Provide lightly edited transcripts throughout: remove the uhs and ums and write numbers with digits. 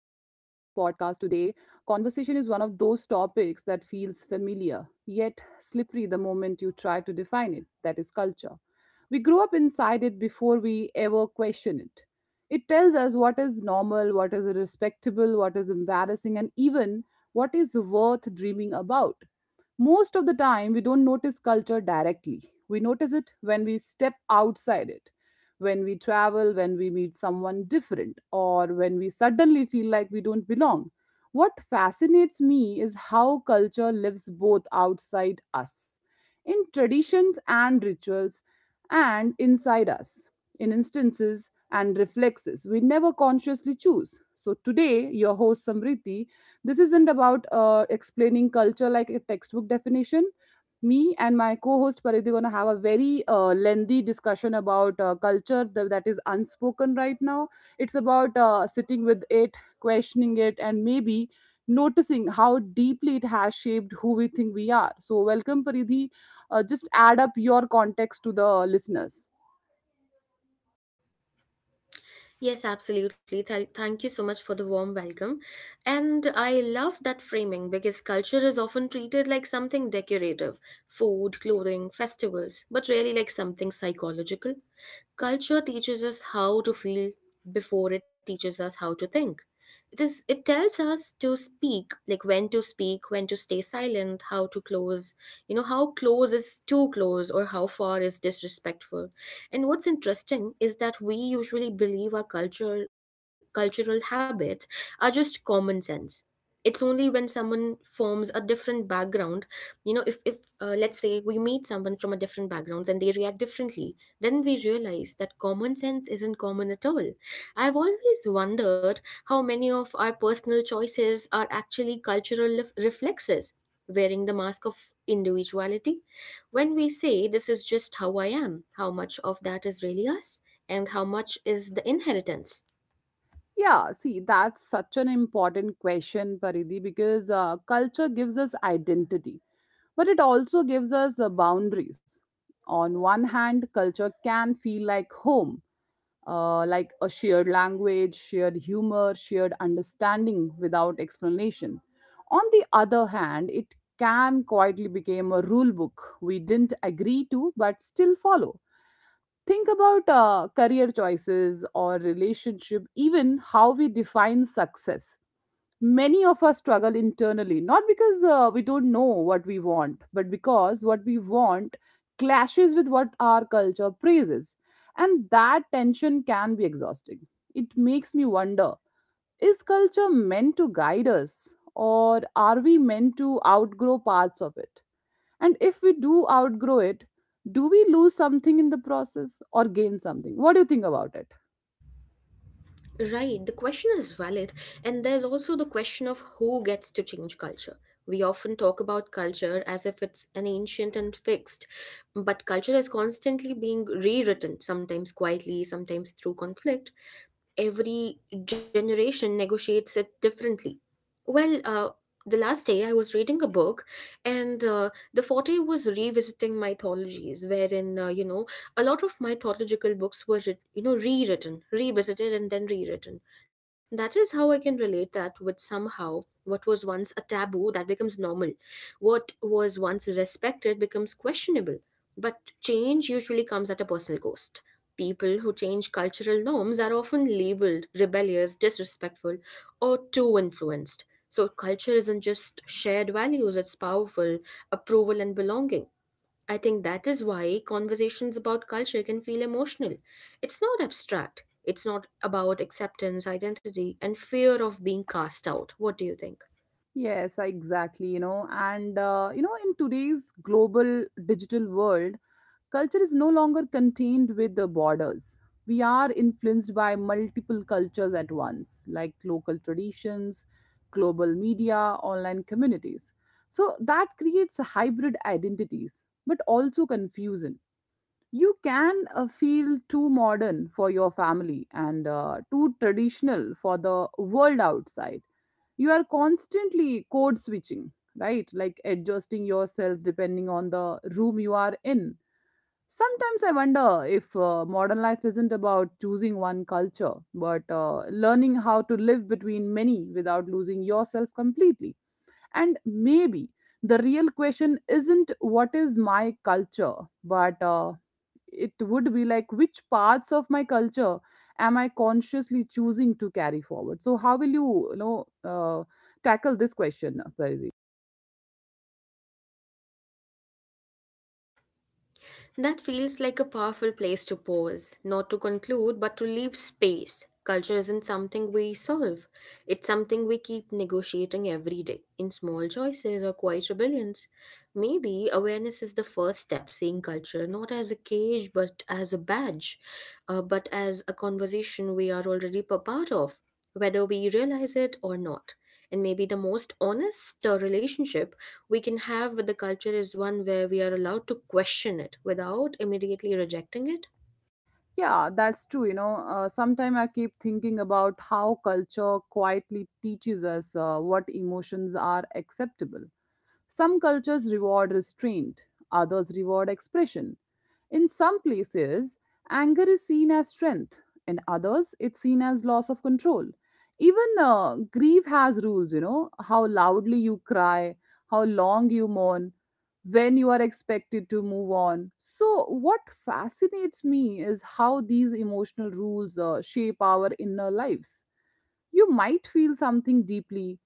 podcast. Today, conversation is one of those topics that feels familiar, yet slippery the moment you try to define it. That is culture. We grew up inside it before we ever question it. It tells us what is normal, what is respectable, what is embarrassing, and even what is worth dreaming about. Most of the time, we don't notice culture directly. We notice it when we step outside it when we travel, when we meet someone different, or when we suddenly feel like we don't belong. What fascinates me is how culture lives both outside us, in traditions and rituals, and inside us, in instances and reflexes we never consciously choose. So, today, your host Samriti, this isn't about explaining culture like a textbook definition me and my co-host Paridhi are going to have a very lengthy discussion about culture that is unspoken right now. It's about sitting with it, questioning it, and maybe noticing how deeply it has shaped who we think we are. So, welcome, Paridhi. Just add up your context to the listeners. Yes, absolutely. Thank you so much for the warm welcome. And I love that framing because culture is often treated like something decorative: food, clothing, festivals, but really like something psychological. Culture teaches us how to feel before it teaches us how to think. It tells us to speak, like when to speak, when to stay silent, how to close, how close is too close or how far is disrespectful. And what's interesting is that we usually believe our culture cultural habits are just common sense. It's only when someone forms a different background, if let's say we meet someone from a different background and they react differently, then we realize that common sense isn't common at all. I've always wondered how many of our personal choices are actually cultural reflexes, wearing the mask of individuality. When we say this is just how I am, how much of that is really us, and how much is the inheritance? Yeah, see, that's such an important question, Paridhi, because culture gives us identity. But it also gives us boundaries. On one hand, culture can feel like home, like a shared language, shared humor, shared understanding without explanation. On the other hand, it can quietly become a rule book we didn't agree to but still follow. Think about career choices or relationship, even how we define success, many of us struggle internally not because we don't know what we want, but because what we want clashes with what our culture praises, and that tension can be exhausting. It makes me wonder, is culture meant to guide us, or are we meant to outgrow parts of it? And if we do outgrow it, do we lose something in the process or gain something? What do you think about it? Right, the question is valid, and there's also the question of who gets to change culture. We often talk about culture as if it's an ancient and fixed, but culture is constantly being rewritten, sometimes quietly, sometimes through conflict. Every generation negotiates it differently. Well, the last day I was reading a book, and the forte was revisiting mythologies, wherein a lot of mythological books were rewritten, revisited, and then rewritten. That is how I can relate that with somehow what was once a taboo that becomes normal, what was once respected becomes questionable. But change usually comes at a personal cost. People who change cultural norms are often labeled rebellious, disrespectful, or too influenced. So, culture isn't just shared values, it's powerful approval and belonging. I think that is why conversations about culture can feel emotional. It's not abstract, it's not about acceptance, identity, and fear of being cast out. What do you think? Yes, exactly. You know, and you know, in today's global digital world, culture is no longer contained with the borders. We are influenced by multiple cultures at once, like local traditions, global media, online communities. So that creates hybrid identities, but also confusion. You can feel too modern for your family and too traditional for the world outside. You are constantly code switching, right? Like adjusting yourself depending on the room you are in. Sometimes I wonder if modern life isn't about choosing one culture, but learning how to live between many without losing yourself completely. And maybe the real question isn't what is my culture, but it would be like which parts of my culture am I consciously choosing to carry forward? So, how will you, you know, tackle this question, Paridi? That feels like a powerful place to pause, not to conclude, but to leave space. Culture isn't something we solve, it's something we keep negotiating every day in small choices or quiet rebellions. Maybe awareness is the first step, seeing culture not as a cage but as a badge, but as a conversation we are already a part of, whether we realize it or not. And maybe the most honest relationship we can have with the culture is one where we are allowed to question it without immediately rejecting it. Yeah, that's true. You know, sometimes I keep thinking about how culture quietly teaches us what emotions are acceptable. Some cultures reward restraint, others reward expression. In some places, anger is seen as strength. In others, it's seen as loss of control. Even grief has rules, you know, how loudly you cry, how long you mourn, when you are expected to move on. So, what fascinates me is how these emotional rules shape our inner lives. You might feel something deeply,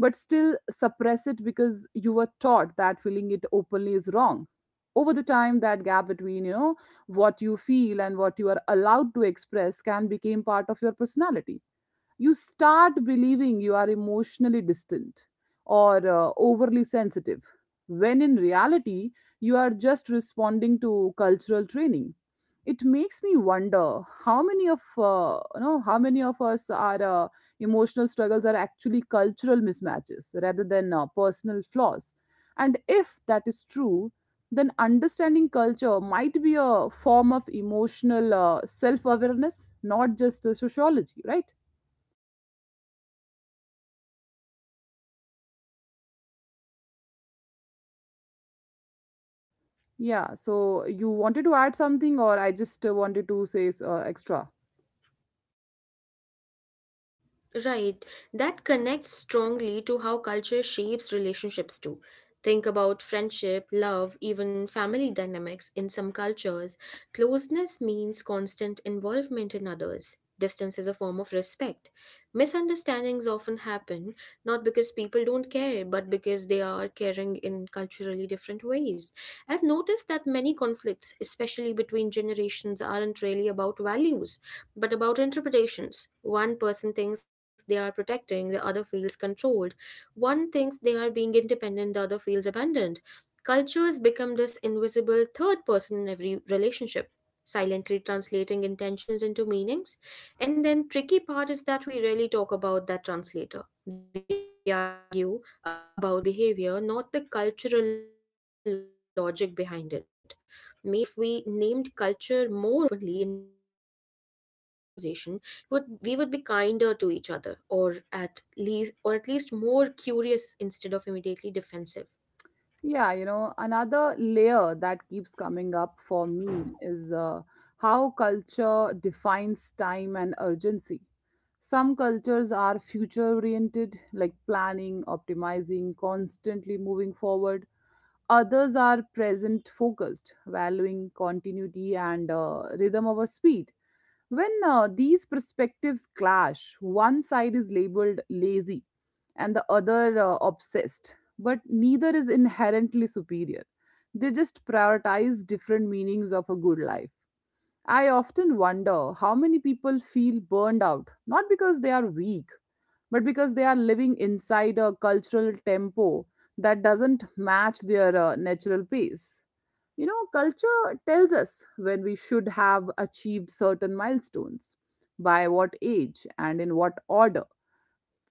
but still suppress it because you were taught that feeling it openly is wrong. Over the time, that gap between, you know, what you feel and what you are allowed to express can become part of your personality. You start believing you are emotionally distant or overly sensitive, when in reality, you are just responding to cultural training. It makes me wonder how many of you know, how many of us are emotional struggles are actually cultural mismatches rather than personal flaws, and if that is true, then understanding culture might be a form of emotional self-awareness, not just sociology, right? Yeah, right so you and i wanted to add guess uh, something, or I that just wanted to say extra? Right. That connects strongly to how culture shapes relationships too. Think about friendship, love, even family dynamics. In some cultures, closeness means constant involvement in others. Distance is a form of respect. Misunderstandings often happen not because people don't care, but because they are caring in culturally different ways. I've noticed that many conflicts, especially between generations, aren't really about values but about interpretations. One person thinks they are protecting, the other feels controlled. One thinks they are being independent, the other feels abandoned. Cultures become this invisible third person in every relationship, silently translating intentions into meanings. And then tricky part is that we rarely talk about that translator. We argue about behavior, not the cultural logic behind it. Maybe if we named culture more openly in our conversation, would we would be kinder to each other, or at least more curious instead of immediately defensive. Yeah, you know, another layer that keeps coming up for me is how culture defines time and urgency. Some cultures are future oriented, like planning, optimizing, constantly moving forward. Others are present focused, valuing continuity and rhythm over speed. When these perspectives clash, one side is labeled lazy and the other obsessed, but neither is inherently superior. They just prioritize different meanings of a good life. I often wonder how many people feel burned out, not because they are weak, but because they are living inside a cultural tempo that doesn't match their natural pace. You know, culture tells us when we should have achieved certain milestones, by what age, and in what order.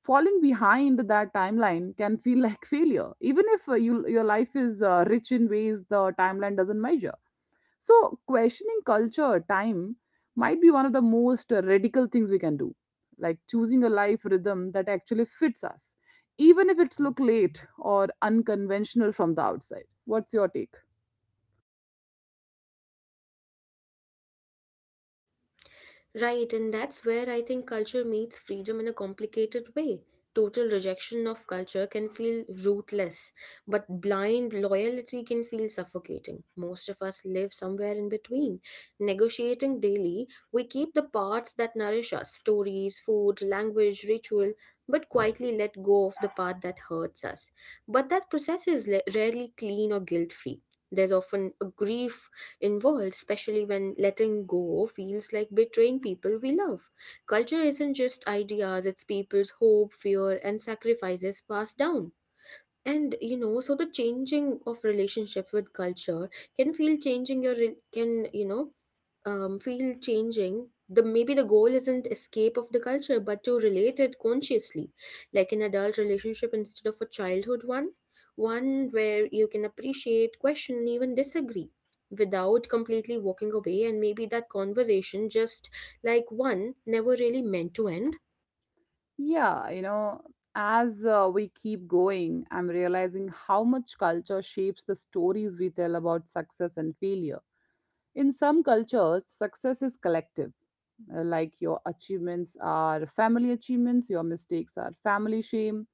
Falling behind that timeline can feel like failure, even if your life is rich in ways the timeline doesn't measure. So, questioning culture, time, might be one of the most radical things we can do, like choosing a life rhythm that actually fits us, even if it's look late or unconventional from the outside. What's your take? Right, and that's where I think culture meets freedom in a complicated way. Total rejection of culture can feel rootless, but blind loyalty can feel suffocating. Most of us live somewhere in between. Negotiating daily, we keep the parts that nourish us: stories, food, language, ritual, but quietly let go of the part that hurts us. But that process is rarely clean or guilt free. There's often a grief involved, especially when letting go feels like betraying people we love. Culture isn't just ideas, it's people's hope, fear, and sacrifices passed down. And you know, so the changing of relationship with culture can feel changing your can you know feel changing the, maybe the goal isn't escape of the culture but to relate it consciously, like an adult relationship instead of a childhood one, one where you can appreciate, question, and even disagree without completely walking away. And maybe that conversation just, like one, never really meant to end. Yeah, you know, as we keep going, I'm realizing how much culture shapes the stories we tell about success and failure. In some cultures, success is collective, like your achievements are family achievements, your mistakes are family shame.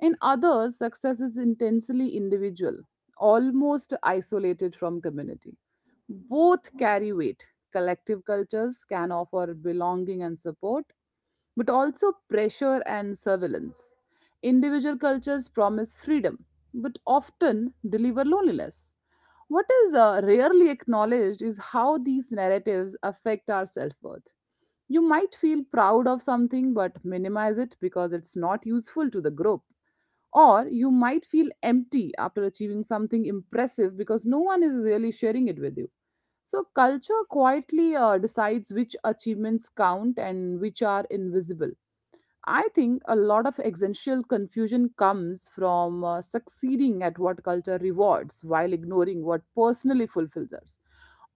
In others, success is intensely individual, almost isolated from community. Both carry weight. Collective cultures can offer belonging and support, but also pressure and surveillance. Individual cultures promise freedom, but often deliver loneliness. What is rarely acknowledged is how these narratives affect our self worth. You might feel proud of something but minimize it because it's not useful to the group. Or you might feel empty after achieving something impressive because no one is really sharing it with you. So, culture quietly decides which achievements count and which are invisible. I think a lot of existential confusion comes from succeeding at what culture rewards while ignoring what personally fulfills us,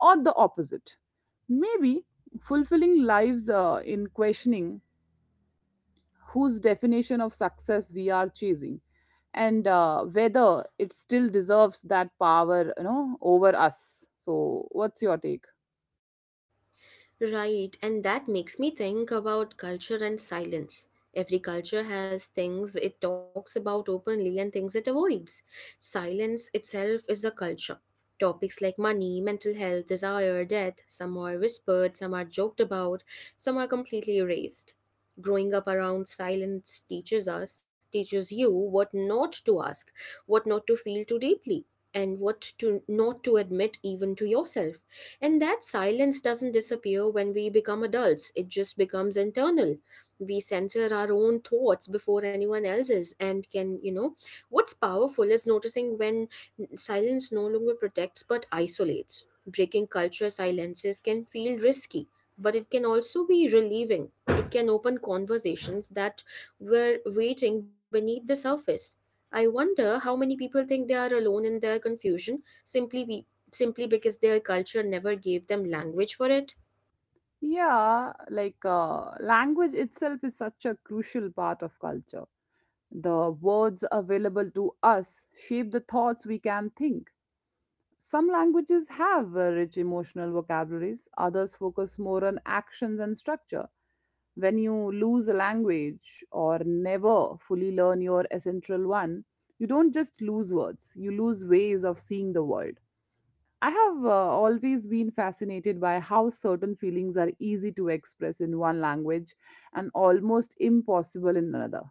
or the opposite. Maybe fulfilling lives in questioning whose definition of success we are chasing, and whether it still deserves that power, you know, over us. So what's your take? Right, and that makes me think about culture and silence. Every culture has things it talks about openly and things it avoids. Silence itself is a culture. Topics like money, mental health, desire, death, some are whispered, some are joked about, some are completely erased. Growing up around silence teaches us, teaches you what not to ask, what not to feel too deeply, and what to not to admit even to yourself. And that silence doesn't disappear when we become adults, it just becomes internal. We censor our own thoughts before anyone else's. And can, you know, what's powerful is noticing when silence no longer protects but isolates. Breaking culture silences can feel risky, but it can also be relieving. It can open conversations that were waiting beneath the surface. I wonder how many people think they are alone in their confusion simply because their culture never gave them language for it. Yeah, like language itself is such a crucial part of culture. The words available to us shape the thoughts we can think. Some languages have rich emotional vocabularies, others focus more on actions and structure. When you lose a language or never fully learn your essential one, you don't just lose words, you lose ways of seeing the world. I have always been fascinated by how certain feelings are easy to express in one language and almost impossible in another.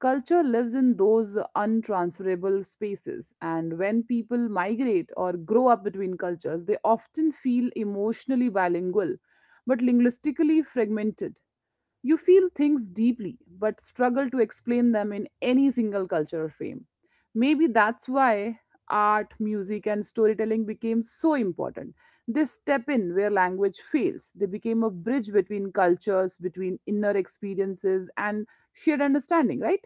Culture lives in those untransferable spaces, and when people migrate or grow up between cultures, they often feel emotionally bilingual but linguistically fragmented. You feel things deeply but struggle to explain them in any single culture or frame. Maybe that's why art, music, and storytelling became so important. They step in where language fails, they became a bridge between cultures, between inner experiences, and shared understanding, right?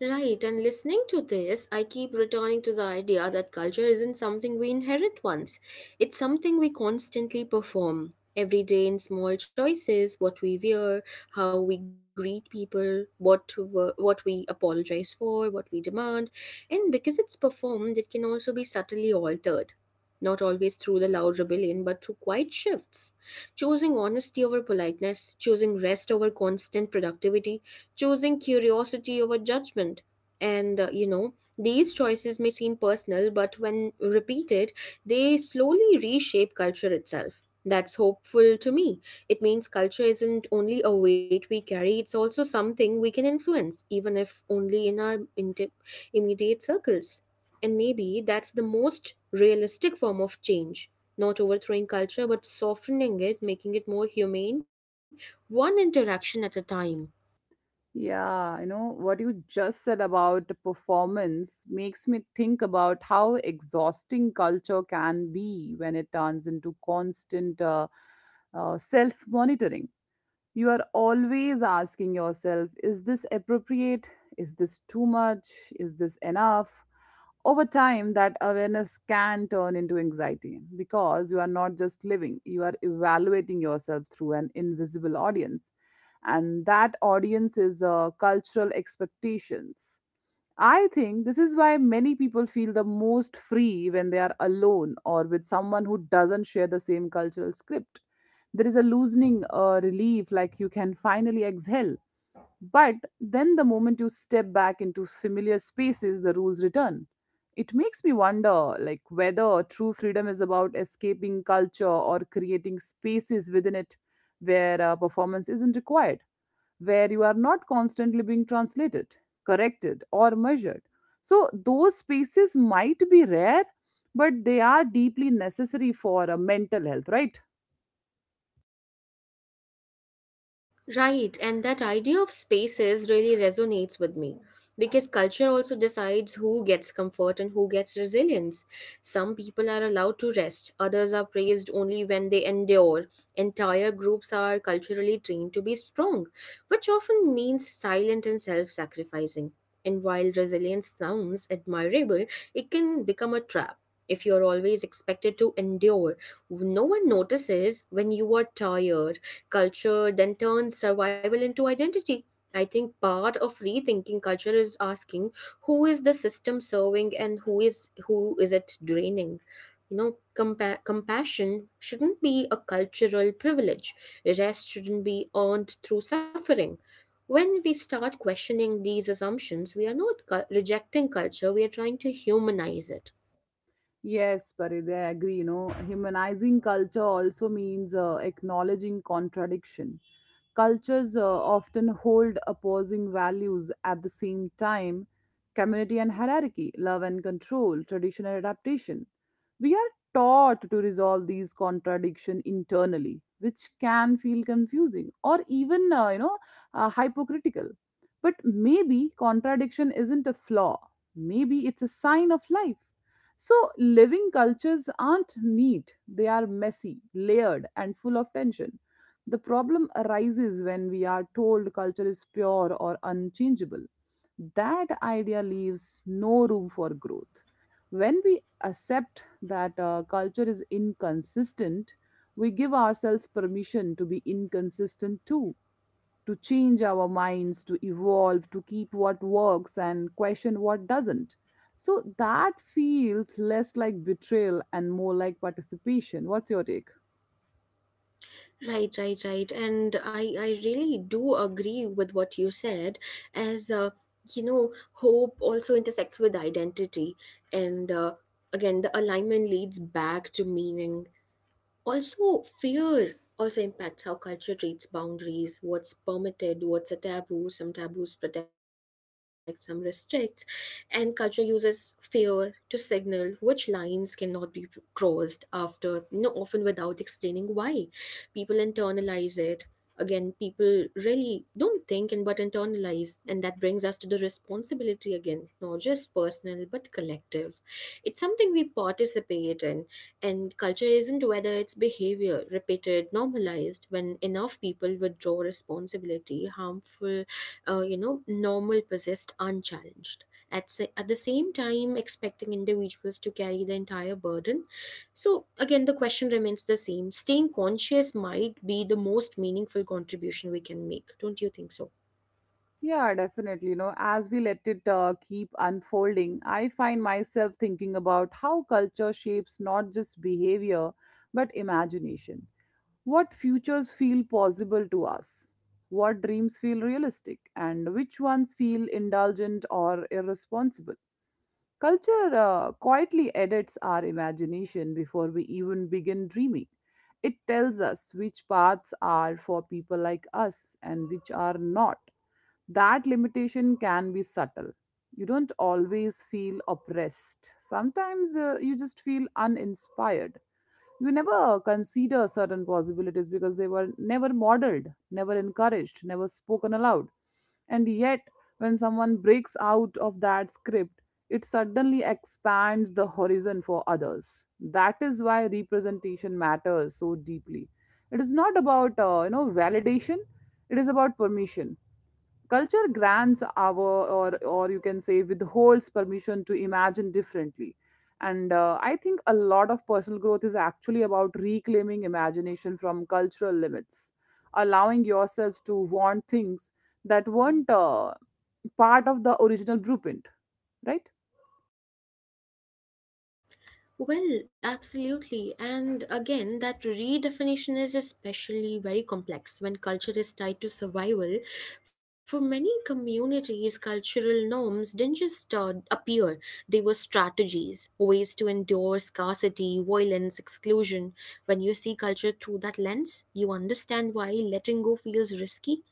Right, and listening to this, I keep returning to the idea that culture isn't something we inherit once. It's something we constantly perform. Every day in small choices, what we wear, how we greet people, what we apologize for, what we demand, and because it's performed, it can also be subtly altered. Not always through the loud rebellion, but through quiet shifts. Choosing honesty over politeness, choosing rest over constant productivity, choosing curiosity over judgment. And you know, these choices may seem personal, but when repeated, they slowly reshape culture itself. That's hopeful to me. It means culture isn't only a weight we carry, it's also something we can influence, even if only in our immediate circles. And maybe that's the most realistic form of change, not overthrowing culture but softening it, making it more humane, one interaction at a time. Yeah, you know, what you just said about the performance makes me think about how exhausting culture can be when it turns into constant self monitoring. You are always asking yourself, is this appropriate? Is this too much? Is this enough? Over time, that awareness can turn into anxiety because you are not just living, you are evaluating yourself through an invisible audience. And that audience is cultural expectations. I think this is why many people feel the most free when they are alone or with someone who doesn't share the same cultural script. There is a loosening relief, like you can finally exhale. But then the moment you step back into familiar spaces, the rules return. It makes me wonder, like whether true freedom is about escaping culture or creating spaces within it where performance isn't required, where you are not constantly being translated, corrected, or measured. So, those spaces might be rare, but they are deeply necessary for a mental health, right? Right, and that idea of spaces really resonates with me because culture also decides who gets comfort and who gets resilience. Some people are allowed to rest, others are praised only when they endure. Entire groups are culturally trained to be strong, which often means silent and self sacrificing. And while resilience sounds admirable, it can become a trap. If you're always expected to endure, no one notices when you are tired. Culture then turns survival into identity. I think part of rethinking culture is asking who is the system serving and who is it draining. You know, compassion shouldn't be a cultural privilege. Rest shouldn't be earned through suffering. When we start questioning these assumptions, we are not rejecting culture, we are trying to humanize it. Yes, Parid, I agree. You know, humanizing culture also means acknowledging contradiction. Cultures often hold opposing values at the same time, community and hierarchy, love and control, tradition and adaptation. We are taught to resolve these contradictions internally, which can feel confusing or even, hypocritical. But maybe contradiction isn't a flaw, maybe it's a sign of life. So, living cultures aren't neat, they are messy, layered, and full of tension. The problem arises when we are told culture is pure or unchangeable. That idea leaves no room for growth. When we accept that culture is inconsistent, we give ourselves permission to be inconsistent too, to change our minds, to evolve, to keep what works and question what doesn't. So that feels less like betrayal and more like participation. What's your take? Right, right, right. And I really do agree with what you said, as you know, hope also intersects with identity. And again, the alignment leads back to meaning. Also, fear also impacts how culture treats boundaries, what's permitted, what's a taboo. Some taboos protect, some restricts. And culture uses fear to signal which lines cannot be crossed after, you know, often without explaining why. People internalize it. Again, people really don't think and but internalize, and that brings us to the responsibility again, not just personal but collective. It's something we participate in, and culture isn't whether it's behavior, repeated, normalized, when enough people withdraw responsibility, harmful, you know, normal persist unchallenged. At the same time, expecting individuals to carry the entire burden. So, again, the question remains the same. Staying conscious might be the most meaningful contribution we can make. Don't you think so? Yeah, definitely. You know, as we let it keep unfolding, I find myself thinking about how culture shapes not just behavior, but imagination. What futures feel possible to us? What dreams feel realistic? And which ones feel indulgent or irresponsible? Culture quietly edits our imagination before we even begin dreaming. It tells us which paths are for people like us and which are not. That limitation can be subtle. You don't always feel oppressed. Sometimes you just feel uninspired. You never consider certain possibilities because they were never modeled, never encouraged, never spoken aloud. And yet, when someone breaks out of that script, it suddenly expands the horizon for others. That is why representation matters so deeply. It is not about validation; it is about permission. Culture grants or you can say, withholds permission to imagine differently. And I think a lot of personal growth is actually about reclaiming imagination from cultural limits, allowing yourself to want things that weren't part of the original blueprint, right? Well, absolutely. And again, that redefinition is especially very complex when culture is tied to survival. For many communities, cultural norms didn't just appear, they were strategies, ways to endure scarcity, violence, exclusion. When you see culture through that lens, you understand why letting go feels risky.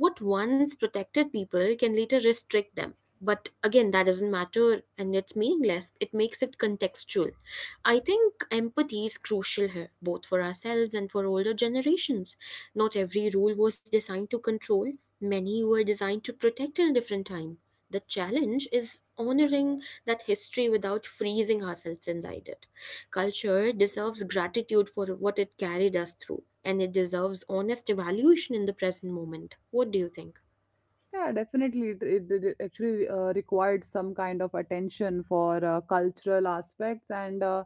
What once protected people can later restrict them. But again, that doesn't matter and it's meaningless. It makes it contextual. I think empathy is crucial here, both for ourselves and for older generations. Not every rule was designed to control, many were designed to protect in a different time. The challenge is honoring that history without freezing ourselves inside it. Culture deserves gratitude for what it carried us through, and it deserves honest evaluation in the present moment. What do you think? Yeah, definitely. It actually required some kind of attention for cultural aspects. And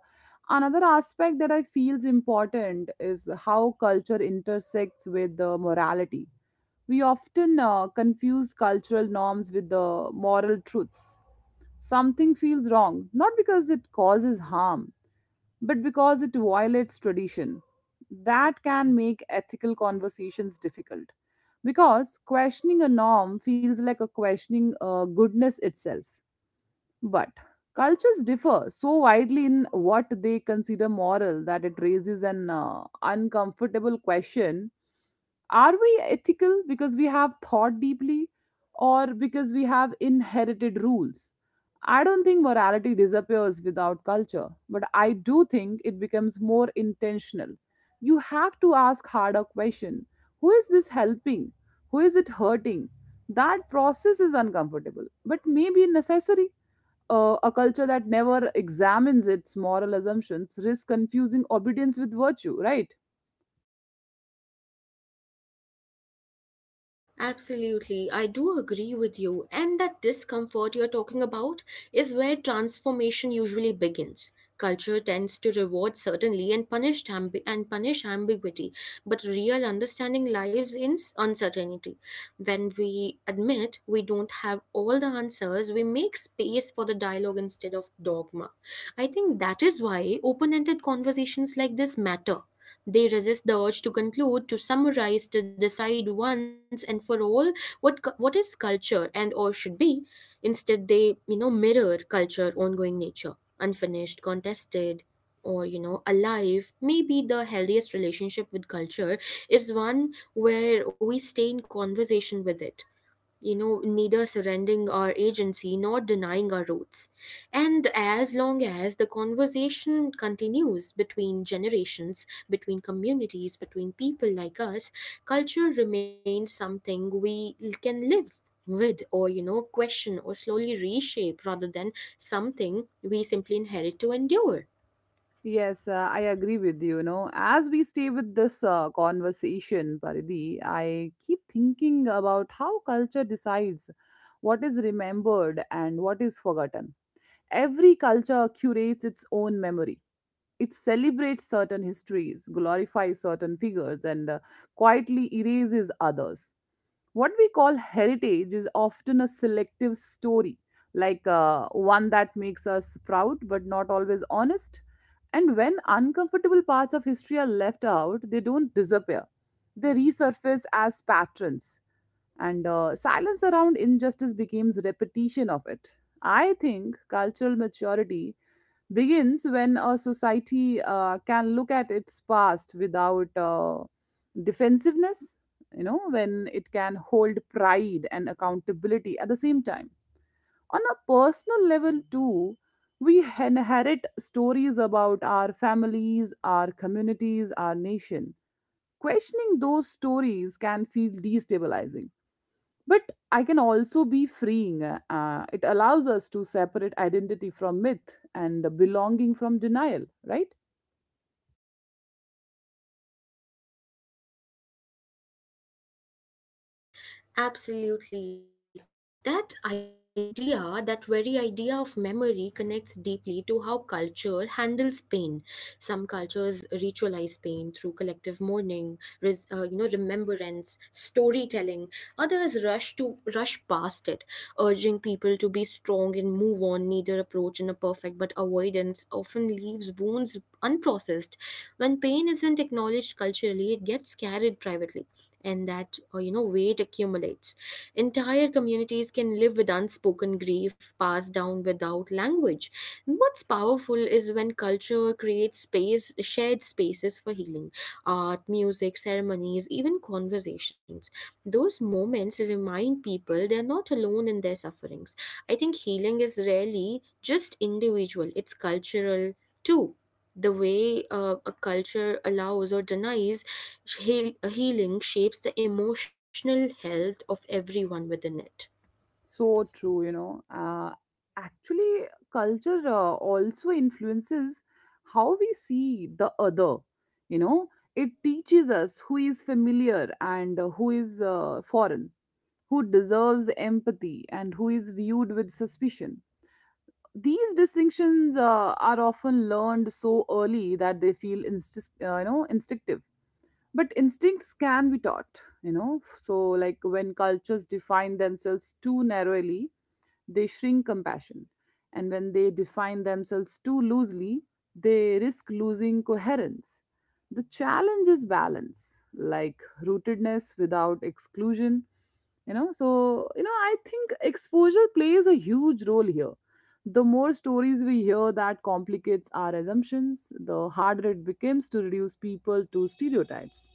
another aspect that I feel is important is how culture intersects with the morality. We often confuse cultural norms with the moral truths. Something feels wrong, not because it causes harm, but because it violates tradition. That can make ethical conversations difficult because questioning a norm feels like a questioning goodness itself. But cultures differ so widely in what they consider moral that it raises an uncomfortable question. Are we ethical because we have thought deeply, or because we have inherited rules? I don't think morality disappears without culture, but I do think it becomes more intentional. You have to ask harder question. Who is this helping? Who is it hurting? That process is uncomfortable, but maybe necessary. A culture that never examines its moral assumptions risks confusing obedience with virtue, right? Absolutely, I do agree with you. And that discomfort you're talking about is where transformation usually begins. Culture tends to reward certainly and punish ambiguity, but real understanding lives in uncertainty. When we admit we don't have all the answers, we make space for the dialogue instead of dogma. I think that is why open-ended conversations like this matter. They resist the urge to conclude, to summarize, to decide once and for all what is culture and or should be instead they mirror culture ongoing nature, unfinished, contested, or alive. Maybe the healthiest relationship with culture is one where we stay in conversation with it, neither surrendering our agency nor denying our roots. And as long as the conversation continues between generations, between communities, between people like us, culture remains something we can live with, or question, or slowly reshape, rather than something we simply inherit to endure. Yes, I agree with you. You know, as we stay with this conversation, Paridhi, I keep thinking about how culture decides what is remembered and what is forgotten. Every culture curates its own memory. It celebrates certain histories, glorifies certain figures, and quietly erases others. What we call heritage is often a selective story, like one that makes us proud but not always honest. And when uncomfortable parts of history are left out, they don't disappear. They resurface as patterns, and silence around injustice becomes repetition of it. I think cultural maturity begins when a society can look at its past without defensiveness, you know, when it can hold pride and accountability at the same time. On a personal level, too, we inherit stories about our families, our communities, our nation. Questioning those stories can feel destabilizing, but I can also be freeing. It allows us to separate identity from myth and belonging from denial, right? Absolutely. That idea, that very idea of memory connects deeply to how culture handles pain. Some cultures ritualize pain through collective mourning, remembrance, storytelling. Others rush to rush past it, urging people to be strong and move on. Neither approach is perfect, but avoidance often leaves wounds unprocessed. When pain isn't acknowledged culturally, it gets carried privately, and that weight accumulates. Entire communities can live with unspoken grief passed down without language. And what's powerful is when culture creates space, shared spaces for healing: art, music, ceremonies, even conversations. Those moments remind people they're not alone in their sufferings. I think healing is rarely just individual, it's cultural too. The way a culture allows or denies healing shapes the emotional health of everyone within it. So true, you know. Actually, culture also influences how we see the other, you know. It teaches us who is familiar and who is foreign, who deserves empathy and who is viewed with suspicion. These distinctions are often learned so early that they feel instinctive. But instincts can be taught, you know. So, like, when cultures define themselves too narrowly, they shrink compassion, and when they define themselves too loosely, they risk losing coherence. The challenge is balance, like rootedness without exclusion. You know, so, you know, I think exposure plays a huge role here. The more stories we hear that complicates our assumptions, the harder it becomes to reduce people to stereotypes.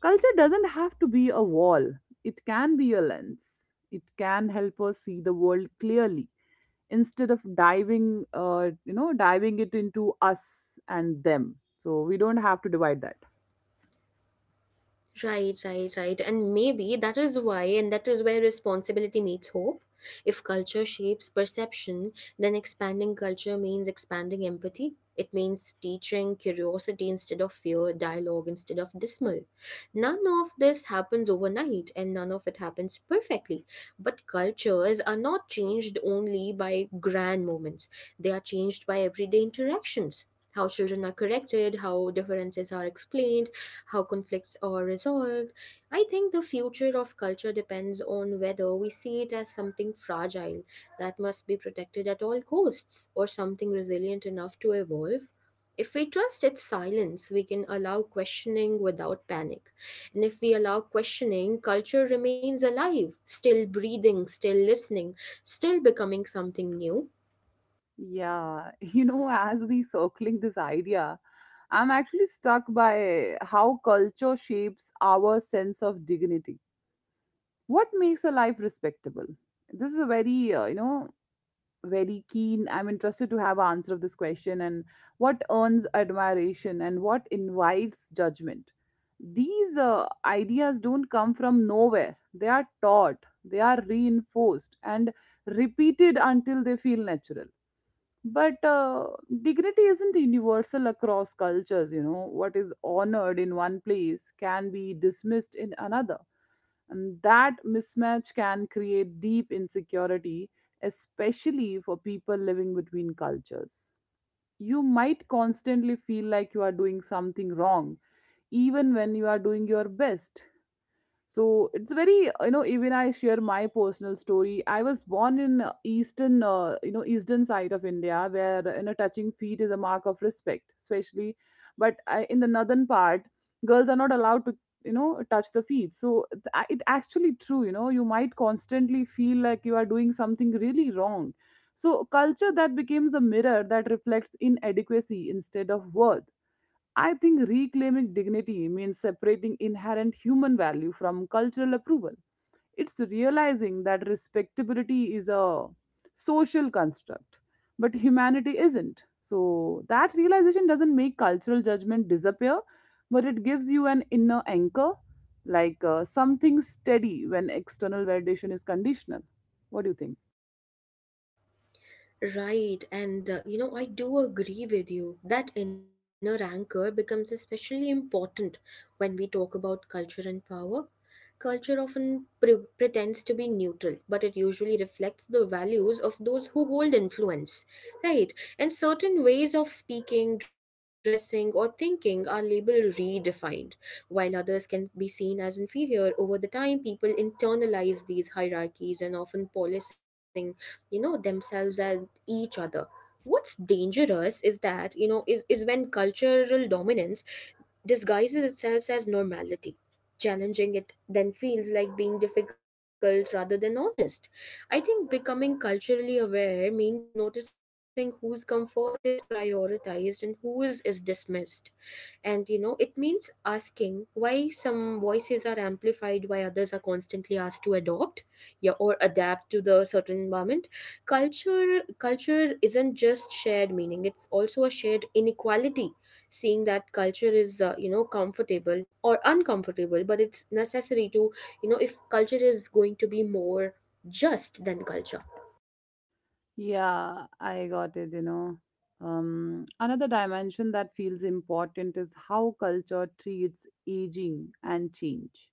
Culture doesn't have to be a wall, it can be a lens. It can help us see the world clearly instead of diving it into us and them. So we don't have to divide that. Right, right, right. And maybe that is why, and that is where responsibility meets hope. If culture shapes perception, then expanding culture means expanding empathy. It means teaching curiosity instead of fear, dialogue instead of dismal. None of this happens overnight, and none of it happens perfectly. But cultures are not changed only by grand moments, they are changed by everyday interactions. How children are corrected, how differences are explained, how conflicts are resolved. I think the future of culture depends on whether we see it as something fragile that must be protected at all costs, or something resilient enough to evolve. If we trust its silence, we can allow questioning without panic. And if we allow questioning, culture remains alive, still breathing, still listening, still becoming something new. Yeah, you know, as we circling this idea, I'm actually stuck by how culture shapes our sense of dignity. What makes a life respectable? This is a very, very keen. I'm interested to have an answer of this question, and what earns admiration and what invites judgment. These ideas don't come from nowhere. They are taught, they are reinforced and repeated until they feel natural. But dignity isn't universal across cultures, you know. What is honored in one place can be dismissed in another, and that mismatch can create deep insecurity, especially for people living between cultures. You might constantly feel like you are doing something wrong, even when you are doing your best. So it's very, you know, even I share my personal story. I was born in eastern eastern side of India, where, you know, touching feet is a mark of respect, especially. But I, in the northern part, girls are not allowed to, you know, touch the feet. So it actually true, you know, you might constantly feel like you are doing something really wrong. So culture that becomes a mirror that reflects inadequacy instead of worth. I think reclaiming dignity means separating inherent human value from cultural approval. It's realizing that respectability is a social construct, but humanity isn't. So, that realization doesn't make cultural judgment disappear, but it gives you an inner anchor, like something steady when external validation is conditional. What do you think? Right, and I do agree with you. That inner anchor becomes especially important when we talk about culture and power. Culture often pretends to be neutral, but it usually reflects the values of those who hold influence, right? And certain ways of speaking, dressing, or thinking are labeled redefined, while others can be seen as inferior. Over the time, people internalize these hierarchies and often policing, themselves as each other. What's dangerous is that you know is when cultural dominance disguises itself as normality, challenging it then feels like being difficult rather than honest. I think becoming culturally aware means noticing whose comfort is prioritized and whose is dismissed. And it means asking why some voices are amplified, why others are constantly asked to adopt, yeah, or adapt to the certain environment. Culture isn't just shared meaning, it's also a shared inequality. Seeing that culture is comfortable or uncomfortable, but it's necessary to, if culture is going to be more just than culture. Yeah, I got it, you know. Another dimension that feels important is how culture treats aging and change.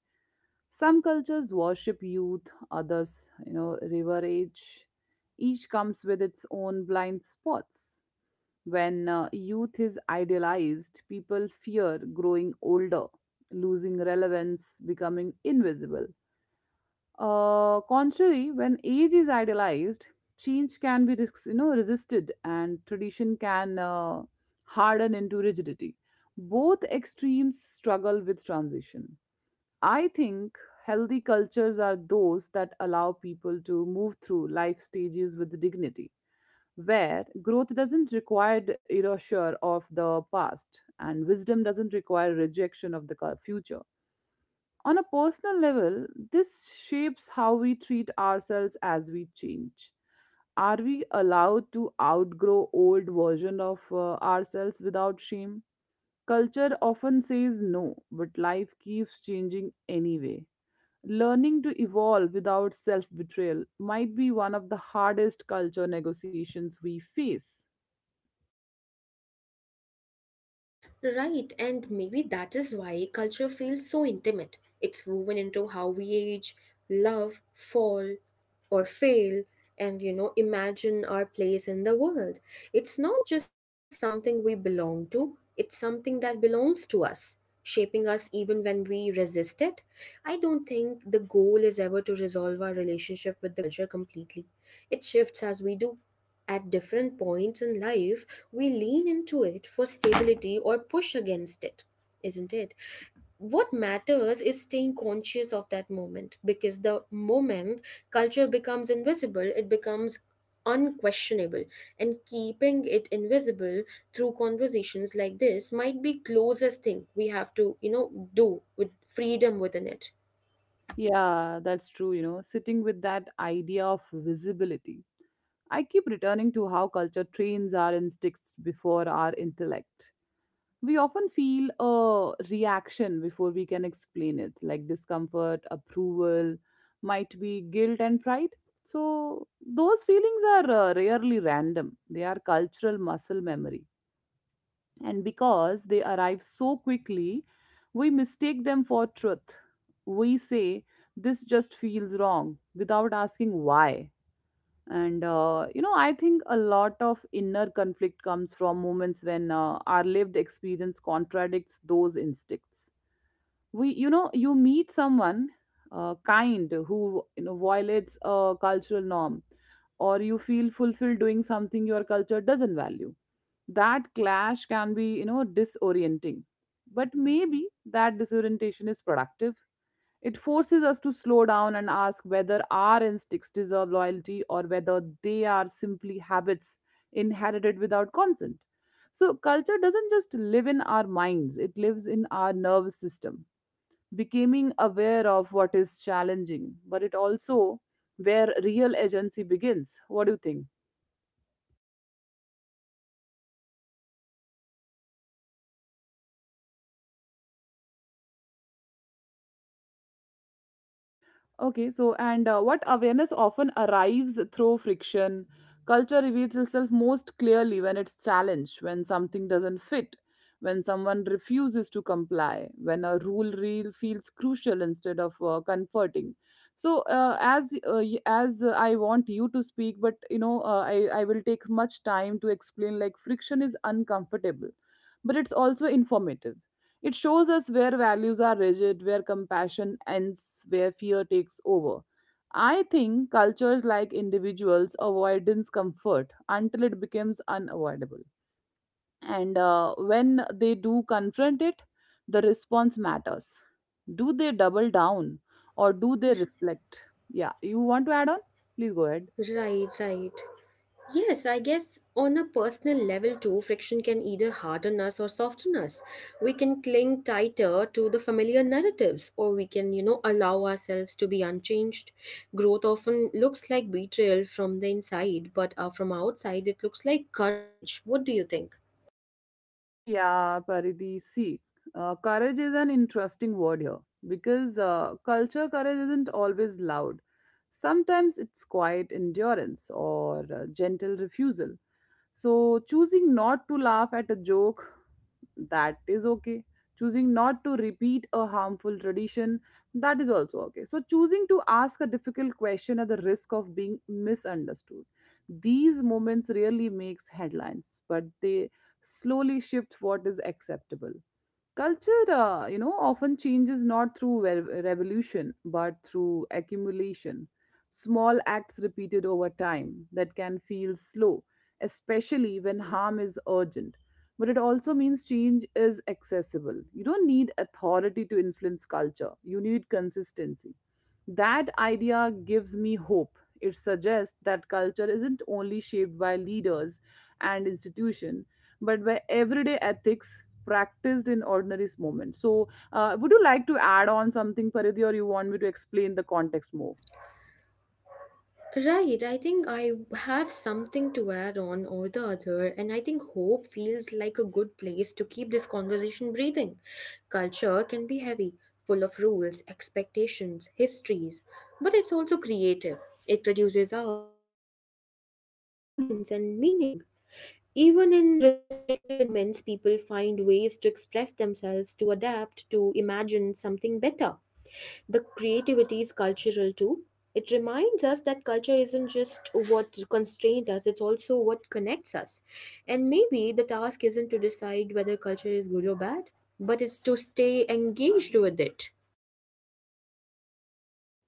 Some cultures worship youth, others, you know, river. Each comes with its own blind spots. When youth is idealized, people fear growing older, losing relevance, becoming invisible. Contrary, when age is idolized, change can be resisted, and tradition can harden into rigidity. Both extremes struggle with transition. I think healthy cultures are those that allow people to move through life stages with dignity, where growth doesn't require erasure of the past, and wisdom doesn't require rejection of the future. On a personal level, this shapes how we treat ourselves as we change. Are we allowed to outgrow old version of ourselves without shame? Culture often says no, but life keeps changing anyway. Learning to evolve without self-betrayal might be one of the hardest culture negotiations we face. Right, and maybe that is why culture feels so intimate. It's woven into how we age, love, fall, or fail, and imagine our place in the world. It's not just something we belong to, it's something that belongs to us, shaping us even when we resist it. I don't think the goal is ever to resolve our relationship with the culture completely. It shifts as we do at different points in life, we lean into it for stability or push against it, isn't it? What matters is staying conscious of that moment, because the moment culture becomes invisible, it becomes unquestionable. And keeping it invisible through conversations like this might be closest thing we have to, do with freedom within it. Yeah, that's true, you know, sitting with that idea of visibility, I keep returning to how culture trains our instincts before our intellect. We often feel a reaction before we can explain it, like discomfort, approval, might be guilt, and pride. So, those feelings are rarely random, they are cultural muscle memory. And because they arrive so quickly, we mistake them for truth. We say, this just feels wrong, without asking why. And you know, I think a lot of inner conflict comes from moments when our lived experience contradicts those instincts. We, you know, you meet someone kind who, you know, violates a cultural norm, or you feel fulfilled doing something your culture doesn't value. That clash can be, you know, disorienting. But maybe that disorientation is productive. It forces us to slow down and ask whether our instincts deserve loyalty or whether they are simply habits inherited without consent. So culture doesn't just live in our minds, it lives in our nervous system. Becoming aware of what is challenging, but it also where real agency begins. What do you think? Okay, so and what awareness often arrives through friction. Culture reveals itself most clearly when it's challenged, when something doesn't fit, when someone refuses to comply, when a rule real feels crucial instead of comforting. So, as y- as I want you to speak, but, you know, I will take much time to explain. Like friction is uncomfortable, but it's also informative. It shows us where values are rigid, where compassion ends, where fear takes over. I think cultures, like individuals, avoid discomfort until it becomes unavoidable. And when they do confront it, the response matters. Do they double down, or do they reflect? Yeah, you want to add on? Please go ahead. Right, right. Yes, I guess on a personal level too, friction can either harden us or soften us. We can cling tighter to the familiar narratives, or we can, allow ourselves to be unchanged. Growth often looks like betrayal from the inside, but from outside, it looks like courage. What do you think? Yeah, Paridhi, see, courage is an interesting word here because culture courage isn't always loud. Sometimes it's quiet endurance or gentle refusal. So, choosing not to laugh at a joke, that is okay. Choosing not to repeat a harmful tradition, that is also okay. So, choosing to ask a difficult question at the risk of being misunderstood. These moments really makes headlines, but they slowly shift what is acceptable. Culture, often changes not through revolution but through accumulation. Small acts repeated over time that can feel slow, especially when harm is urgent. But it also means change is accessible. You don't need authority to influence culture, you need consistency. That idea gives me hope. It suggests that culture isn't only shaped by leaders and institutions but by everyday ethics practiced in ordinary moments. So, would you like to add on something, Paridhi, or you want me to explain the context more? Right, I think I have something to add on or the other, and I think hope feels like a good place to keep this conversation breathing. Culture can be heavy, full of rules, expectations, histories, but it's also creative. It produces art, humor, resilience, and meaning. Even in restrictive environments, people find ways to express themselves, to adapt, to imagine something better. The creativity is cultural too. It reminds us that culture isn't just what constrained us, it's also what connects us. And maybe the task isn't to decide whether culture is good or bad, but it's to stay engaged with it.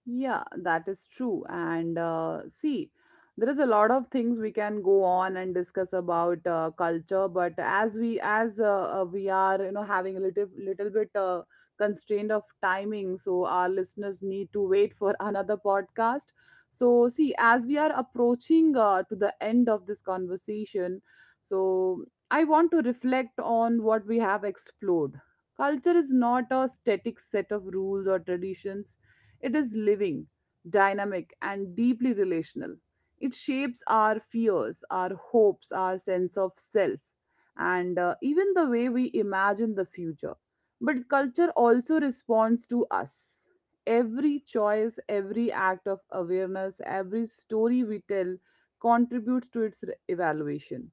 Yeah, that is true. And see, there is a lot of things we can go on and discuss about culture, but as we are, you know, having a little little bit constraint of timing, so our listeners need to wait for another podcast. So see, as we are approaching to the end of this conversation, so I want to reflect on what we have explored. Culture is not a static set of rules or traditions. It is living, dynamic, and deeply relational. It shapes our fears, our hopes, our sense of self, and even the way we imagine the future. But culture also responds to us. Every choice, every act of awareness, every story we tell contributes to its evaluation.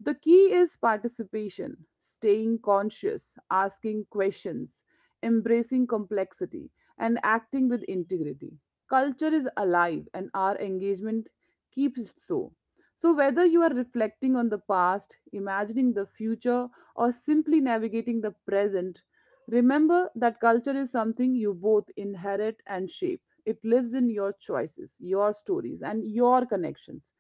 The key is participation, staying conscious, asking questions, embracing complexity, and acting with integrity. Culture is alive and our engagement keeps it so. So, whether you are reflecting on the past, imagining the future, or simply navigating the present, remember that culture is something you both inherit and shape. It lives in your choices, your stories, and your connections,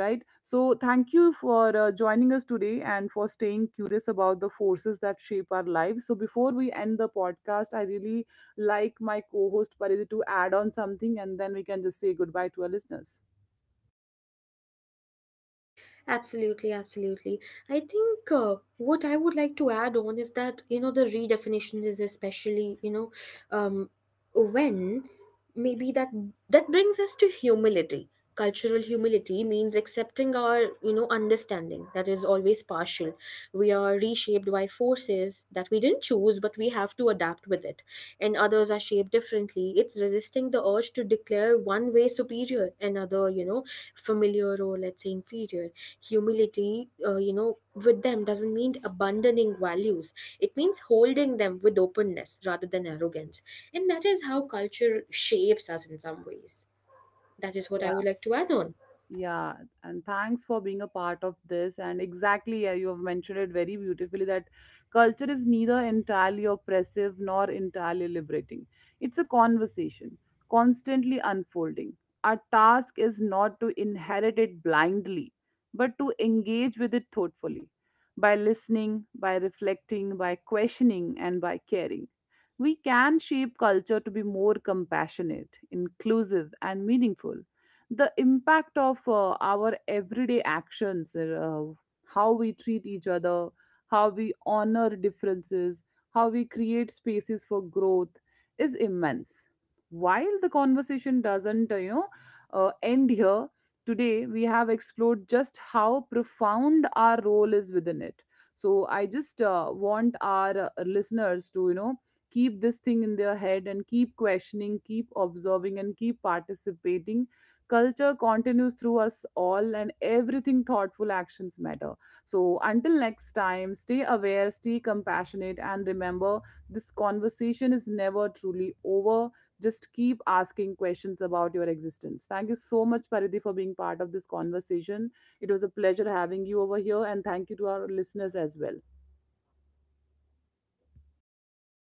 right? So thank you for joining us today and for staying curious about the forces that shape our lives. So before we end the podcast, I really like my co-host Parith to add on something, and then we can just say goodbye to our listeners. Absolutely, absolutely. I think what I would like to add on is that, the redefinition is especially, um, when maybe that brings us to humility. Cultural humility means accepting our, understanding that is always partial. We are reshaped by forces that we didn't choose, but we have to adapt with it. And others are shaped differently. It's resisting the urge to declare one way superior, another, familiar, or let's say inferior. Humility with them doesn't mean abandoning values, it means holding them with openness rather than arrogance. And that is how culture shapes us in some ways. That is what I Yeah. would like to add on. Yeah, and thanks for being a part of this. And exactly, yeah, you have mentioned it very beautifully that culture is neither entirely oppressive nor entirely liberating. It's a conversation, constantly unfolding. Our task is not to inherit it blindly, but to engage with it thoughtfully by listening, by reflecting, by questioning, and by caring. We can shape culture to be more compassionate, inclusive, and meaningful. The impact of our everyday actions, how we treat each other, how we honor differences, how we create spaces for growth is immense. While the conversation doesn't end here, today we have explored just how profound our role is within it. So I just want our listeners to, you know, keep this thing in their head and keep questioning, keep observing, and keep participating. Culture continues through us all, and everything thoughtful actions matter. So until next time, stay aware, stay compassionate, and remember, this conversation is never truly over. Just keep asking questions about your existence. Thank you so much, Paridhi, for being part of this conversation. It was a pleasure having you over here, and thank you to our listeners as well.